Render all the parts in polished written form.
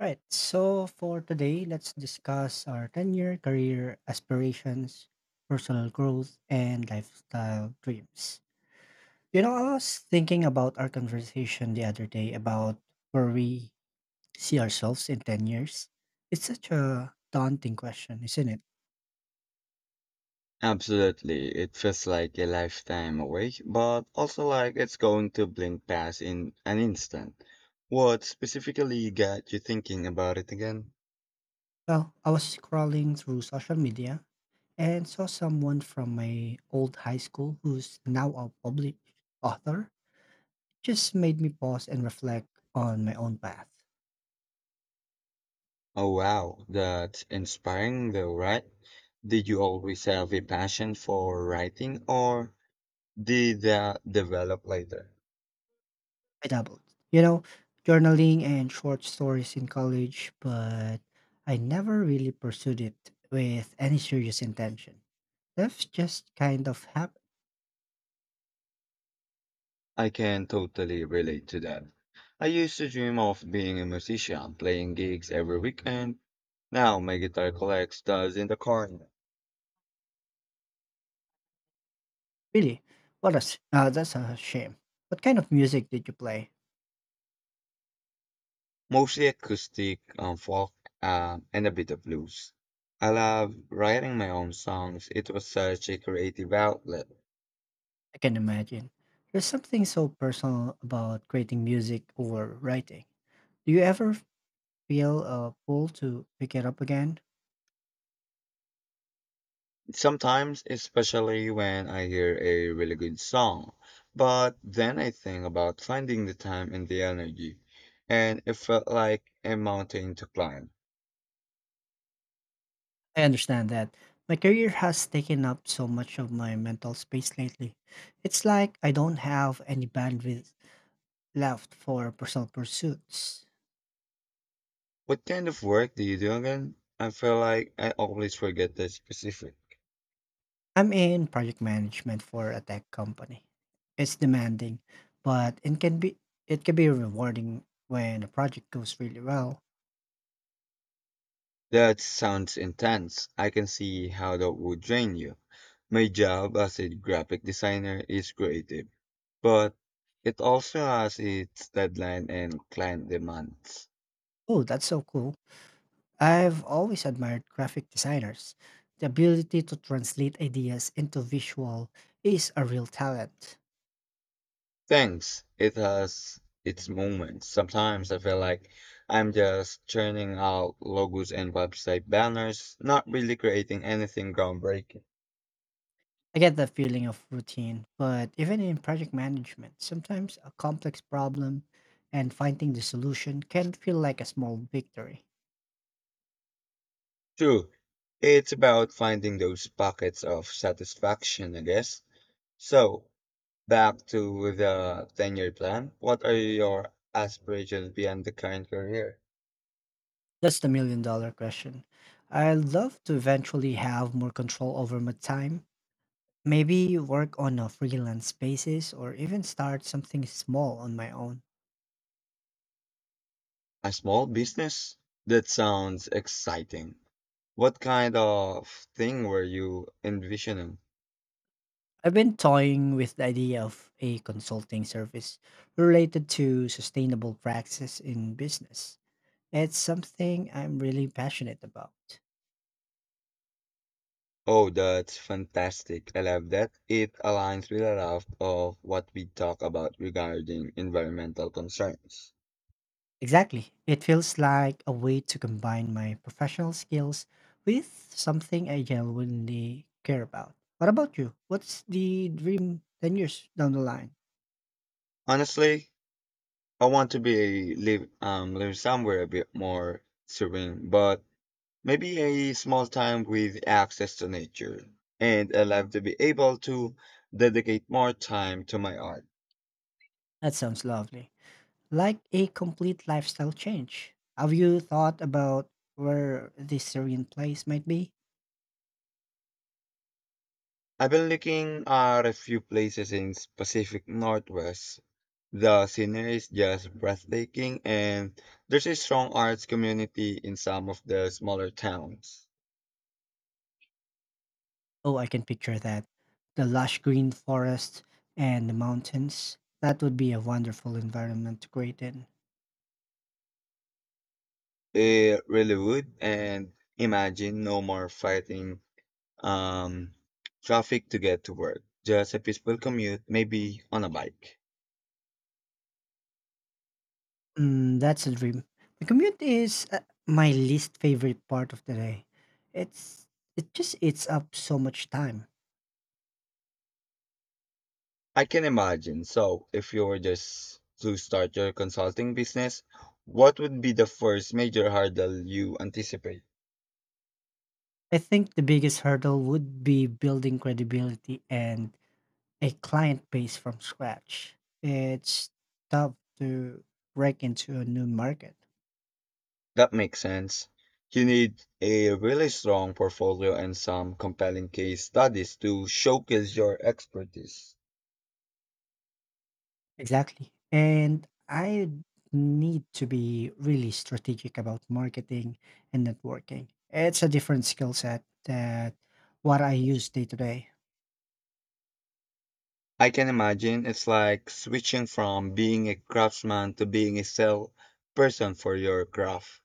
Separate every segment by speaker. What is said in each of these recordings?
Speaker 1: Right. So for today, let's discuss our 10-year career aspirations, personal growth, and lifestyle dreams. You know, I was thinking about our conversation the other day about where we see ourselves in 10 years. It's such a daunting question, isn't it?
Speaker 2: Absolutely. It feels like a lifetime away, but also like it's going to blink past in an instant. What specifically got you thinking about it again?
Speaker 1: Well, I was scrolling through social media and saw someone from my old high school who's now a published author. Just made me pause and reflect on my own path.
Speaker 2: Oh wow, that's inspiring though, right? Did you always have a passion for writing or did that develop later?
Speaker 1: I dabbled. You know, journaling and short stories in college, but I never really pursued it with any serious intention. That's just kind of happened.
Speaker 2: I can totally relate to that. I used to dream of being a musician, playing gigs every weekend. Now my guitar collects dust in the corner.
Speaker 1: Really, what a s that's a shame. What kind of music did you play?
Speaker 2: Mostly acoustic, folk, and a bit of blues. I love writing my own songs. It was such a creative outlet.
Speaker 1: I can imagine. There's something so personal about creating music or writing. Do you ever feel a pull to pick it up again?
Speaker 2: Sometimes, especially when I hear a really good song. But then I think about finding the time and the energy, and it felt like a mountain to climb.
Speaker 1: I understand that. My career has taken up so much of my mental space lately. It's like I don't have any bandwidth left for personal pursuits.
Speaker 2: What kind of work do you do again? I feel like I always forget the specific.
Speaker 1: I'm in project management for a tech company. It's demanding, but it can be rewarding when a project goes really well.
Speaker 2: That sounds intense. I can see how that would drain you. My job as a graphic designer is creative, but it also has its deadline and client demands.
Speaker 1: Oh, that's so cool. I've always admired graphic designers. The ability to translate ideas into visual is a real talent.
Speaker 2: Thanks, it has its moments. Sometimes I feel like I'm just churning out logos and website banners, not really creating anything groundbreaking.
Speaker 1: I get that feeling of routine, but even in project management, sometimes a complex problem and finding the solution can feel like a small victory.
Speaker 2: True, it's about finding those pockets of satisfaction, I guess. So, back to the 10-year plan. What are your aspirations beyond the current career?
Speaker 1: That's the million dollar question. I'd love to eventually have more control over my time, maybe work on a freelance basis or even start something small on my own.
Speaker 2: A small business? That sounds exciting. What kind of thing were you envisioning?
Speaker 1: I've been toying with the idea of a consulting service related to sustainable practices in business. It's something I'm really passionate about.
Speaker 2: Oh, that's fantastic. I love that. It aligns with a lot of what we talk about regarding environmental concerns.
Speaker 1: Exactly. It feels like a way to combine my professional skills with something I genuinely care about. What about you? What's the dream 10 years down the line?
Speaker 2: Honestly, I want to be live live somewhere a bit more serene, but maybe a small town with access to nature. And I love to be able to dedicate more time to my art.
Speaker 1: That sounds lovely. Like a complete lifestyle change. Have you thought about where this Syrian place might be?
Speaker 2: I've been looking at a few places in Pacific Northwest. The scenery is just breathtaking and there's a strong arts community in some of the smaller towns.
Speaker 1: Oh, I can picture that. The lush green forest and the mountains. That would be a wonderful environment to create in.
Speaker 2: It really would, and imagine no more fighting um traffic to get to work. Just a peaceful commute, maybe on a bike.
Speaker 1: Mm, that's a dream. The commute is my least favorite part of the day. It's it just eats up so much time.
Speaker 2: I can imagine. So, if you were just to start your consulting business, what would be the first major hurdle you anticipate?
Speaker 1: I think the biggest hurdle would be building credibility and a client base from scratch. It's tough to break into a new market.
Speaker 2: That makes sense. You need a really strong portfolio and some compelling case studies to showcase your expertise.
Speaker 1: Exactly. And I need to be really strategic about marketing and networking. It's a different skill set that what I use day to day.
Speaker 2: I can imagine it's like switching from being a craftsman to being a sales person for your craft.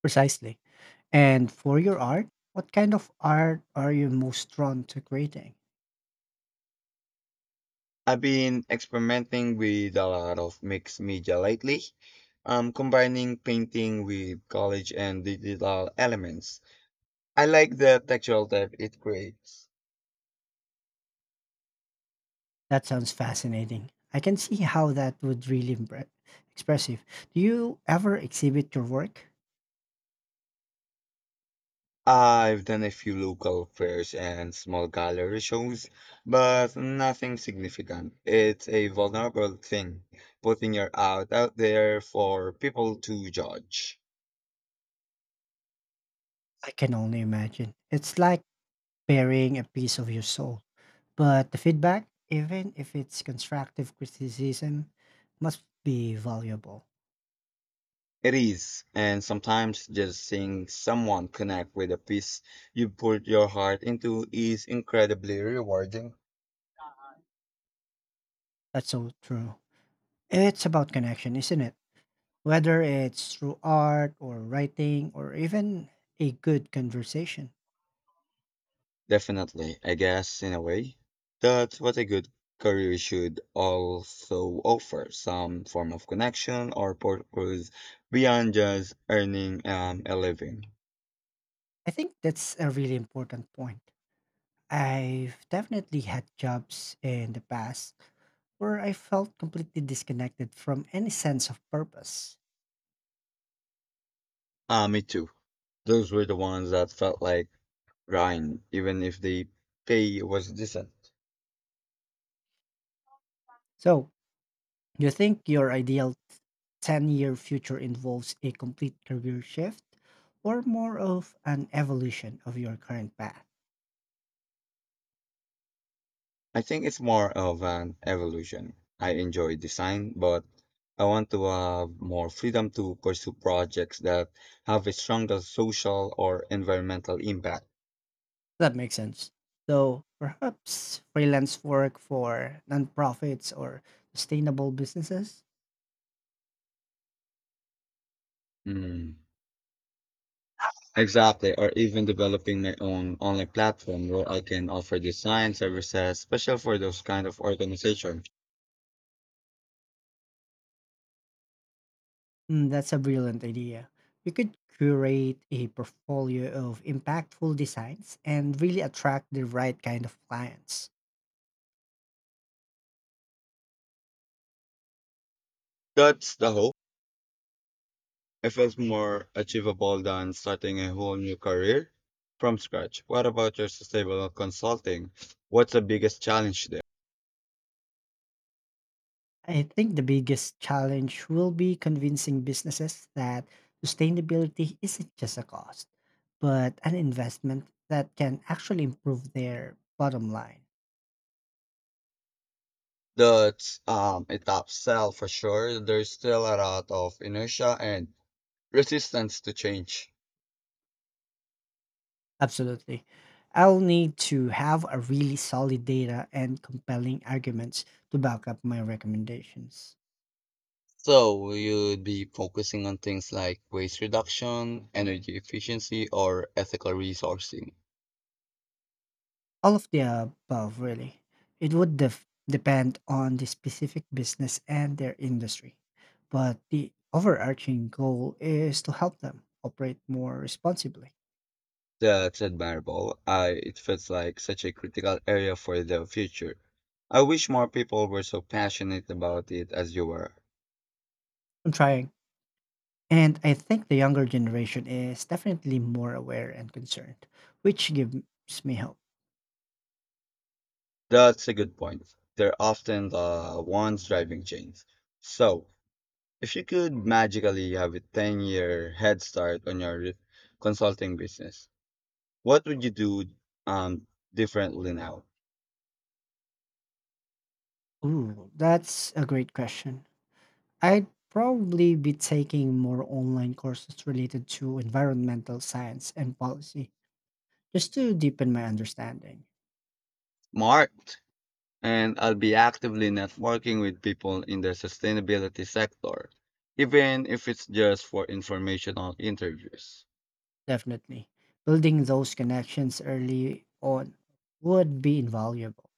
Speaker 1: Precisely. And for your art, what kind of art are you most drawn to creating?
Speaker 2: I've been experimenting with a lot of mixed media lately, combining painting with collage and digital elements. I like the textural depth it creates.
Speaker 1: That sounds fascinating. I can see how that would really expressive. Do you ever exhibit your work?
Speaker 2: I've done a few local fairs and small gallery shows, but nothing significant. It's a vulnerable thing, putting your art out there for people to judge.
Speaker 1: I can only imagine. It's like burying a piece of your soul. But the feedback, even if it's constructive criticism, must be valuable.
Speaker 2: It is, and sometimes just seeing someone connect with a piece you put your heart into is incredibly rewarding.
Speaker 1: That's so true. It's about connection, isn't it? Whether it's through art or writing or even a good conversation.
Speaker 2: Definitely, I guess in a way, that's what a good career should also offer, some form of connection or purpose beyond just earning a living.
Speaker 1: I think that's a really important point. I've definitely had jobs in the past where I felt completely disconnected from any sense of purpose.
Speaker 2: Ah, me too. Those were the ones that felt like grind, even if the pay was decent.
Speaker 1: So, do you think your ideal 10-year future involves a complete career shift or more of an evolution of your current path?
Speaker 2: I think it's more of an evolution. I enjoy design, but I want to have more freedom to pursue projects that have a stronger social or environmental impact.
Speaker 1: That makes sense. So perhaps freelance work for nonprofits or sustainable businesses?
Speaker 2: Hmm. Exactly, or even developing my own online platform where I can offer design services special for those kind of organization.
Speaker 1: Mm, that's a brilliant idea. You could curate a portfolio of impactful designs and really attract the right kind of clients.
Speaker 2: That's the hope. It feels more achievable than starting a whole new career from scratch. What about your sustainable consulting? What's the biggest challenge there?
Speaker 1: I think the biggest challenge will be convincing businesses that sustainability isn't just a cost, but an investment that can actually improve their bottom line.
Speaker 2: That's a top sell for sure. There's still a lot of inertia and resistance to change.
Speaker 1: Absolutely. I'll need to have a really solid data and compelling arguments to back up my recommendations.
Speaker 2: So you'd be focusing on things like waste reduction, energy efficiency, or ethical resourcing.
Speaker 1: All of the above, really. It would depend on the specific business and their industry, but the overarching goal is to help them operate more responsibly.
Speaker 2: That's admirable. I it feels like such a critical area for the future. I wish more people were so passionate about it as you were.
Speaker 1: I'm trying. And I think the younger generation is definitely more aware and concerned, which gives me hope.
Speaker 2: That's a good point. They're often the ones driving change. So, if you could magically have a 10-year head start on your consulting business, what would you do um differently now?
Speaker 1: Ooh, that's a great question. I'd probably be taking more online courses related to environmental science and policy just to deepen my understanding.
Speaker 2: Marked, and I'll be actively networking with people in the sustainability sector, even if it's just for informational interviews.
Speaker 1: Definitely. Building those connections early on would be invaluable.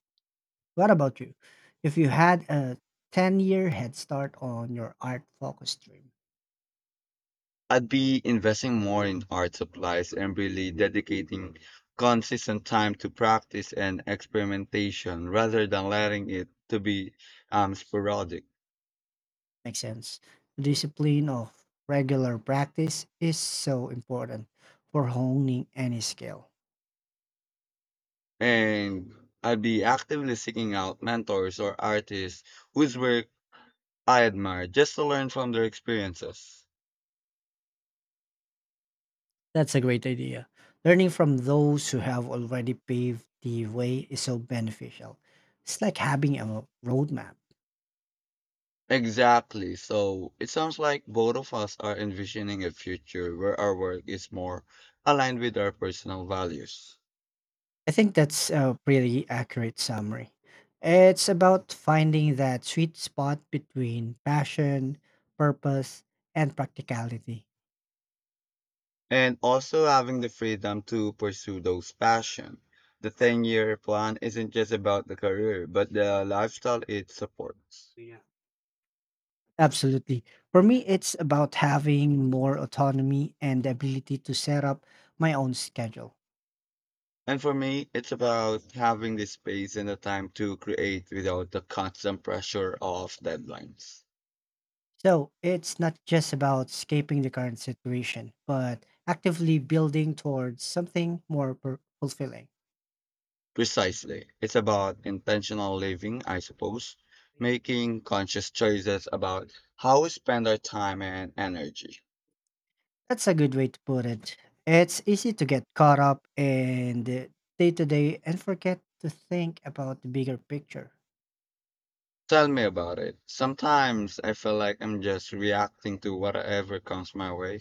Speaker 1: What about you? If you had a 10-year head start on your art focus dream,
Speaker 2: I'd be investing more in art supplies and really dedicating consistent time to practice and experimentation rather than letting it to be sporadic.
Speaker 1: makes sense. The discipline of regular practice is so important for honing any skill.
Speaker 2: And I'd be actively seeking out mentors or artists whose work I admire just to learn from their experiences.
Speaker 1: That's a great idea. Learning from those who have already paved the way is so beneficial. It's like having a roadmap.
Speaker 2: Exactly. So it sounds like both of us are envisioning a future where our work is more aligned with our personal values
Speaker 1: I think that's a pretty accurate summary. It's about finding that sweet spot between passion, purpose, and practicality.
Speaker 2: and also having the freedom to pursue those passions. The 10-year plan isn't just about the career, but the lifestyle it supports.
Speaker 1: Yeah. Absolutely. For me, it's about having more autonomy and the ability to set up my own schedule.
Speaker 2: And for me, it's about having the space and the time to create without the constant pressure of deadlines.
Speaker 1: So it's not just about escaping the current situation, but actively building towards something more fulfilling.
Speaker 2: Precisely. It's about intentional living, I suppose, making conscious choices about how we spend our time and energy.
Speaker 1: That's a good way to put it. It's easy to get caught up in the day to day and forget to think about the bigger picture.
Speaker 2: Tell me about it. Sometimes I feel like I'm just reacting to whatever comes my way.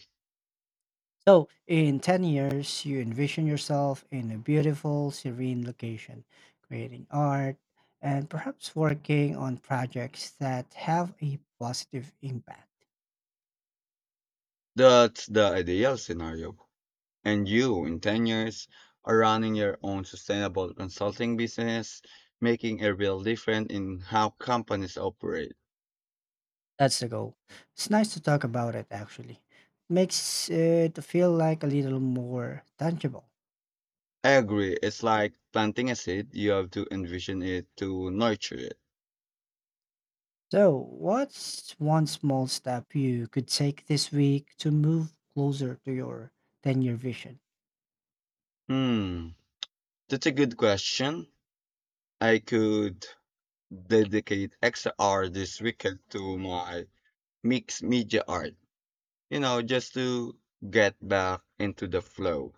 Speaker 1: So, in 10 years, you envision yourself in a beautiful, serene location, creating art, and perhaps working on projects that have a positive impact.
Speaker 2: That's the ideal scenario. And you, in 10 years, are running your own sustainable consulting business, making a real difference in how companies operate.
Speaker 1: That's the goal. It's nice to talk about it, actually. Makes it feel like a little more tangible.
Speaker 2: I agree. It's like planting a seed, you have to envision it to nurture it.
Speaker 1: So, what's one small step you could take this week to move closer to your 10-year vision?
Speaker 2: Hmm, that's a good question. I could dedicate extra hour this weekend to my mixed media art, you know, just to get back into the flow.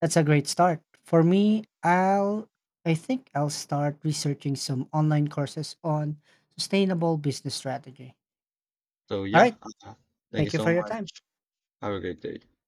Speaker 1: That's a great start. For me, I think I'll start researching some online courses on sustainable business strategy.
Speaker 2: So
Speaker 1: All
Speaker 2: yeah,
Speaker 1: right,
Speaker 2: uh, thank you
Speaker 1: thank you
Speaker 2: so
Speaker 1: for your
Speaker 2: much.
Speaker 1: time.
Speaker 2: Have a great day.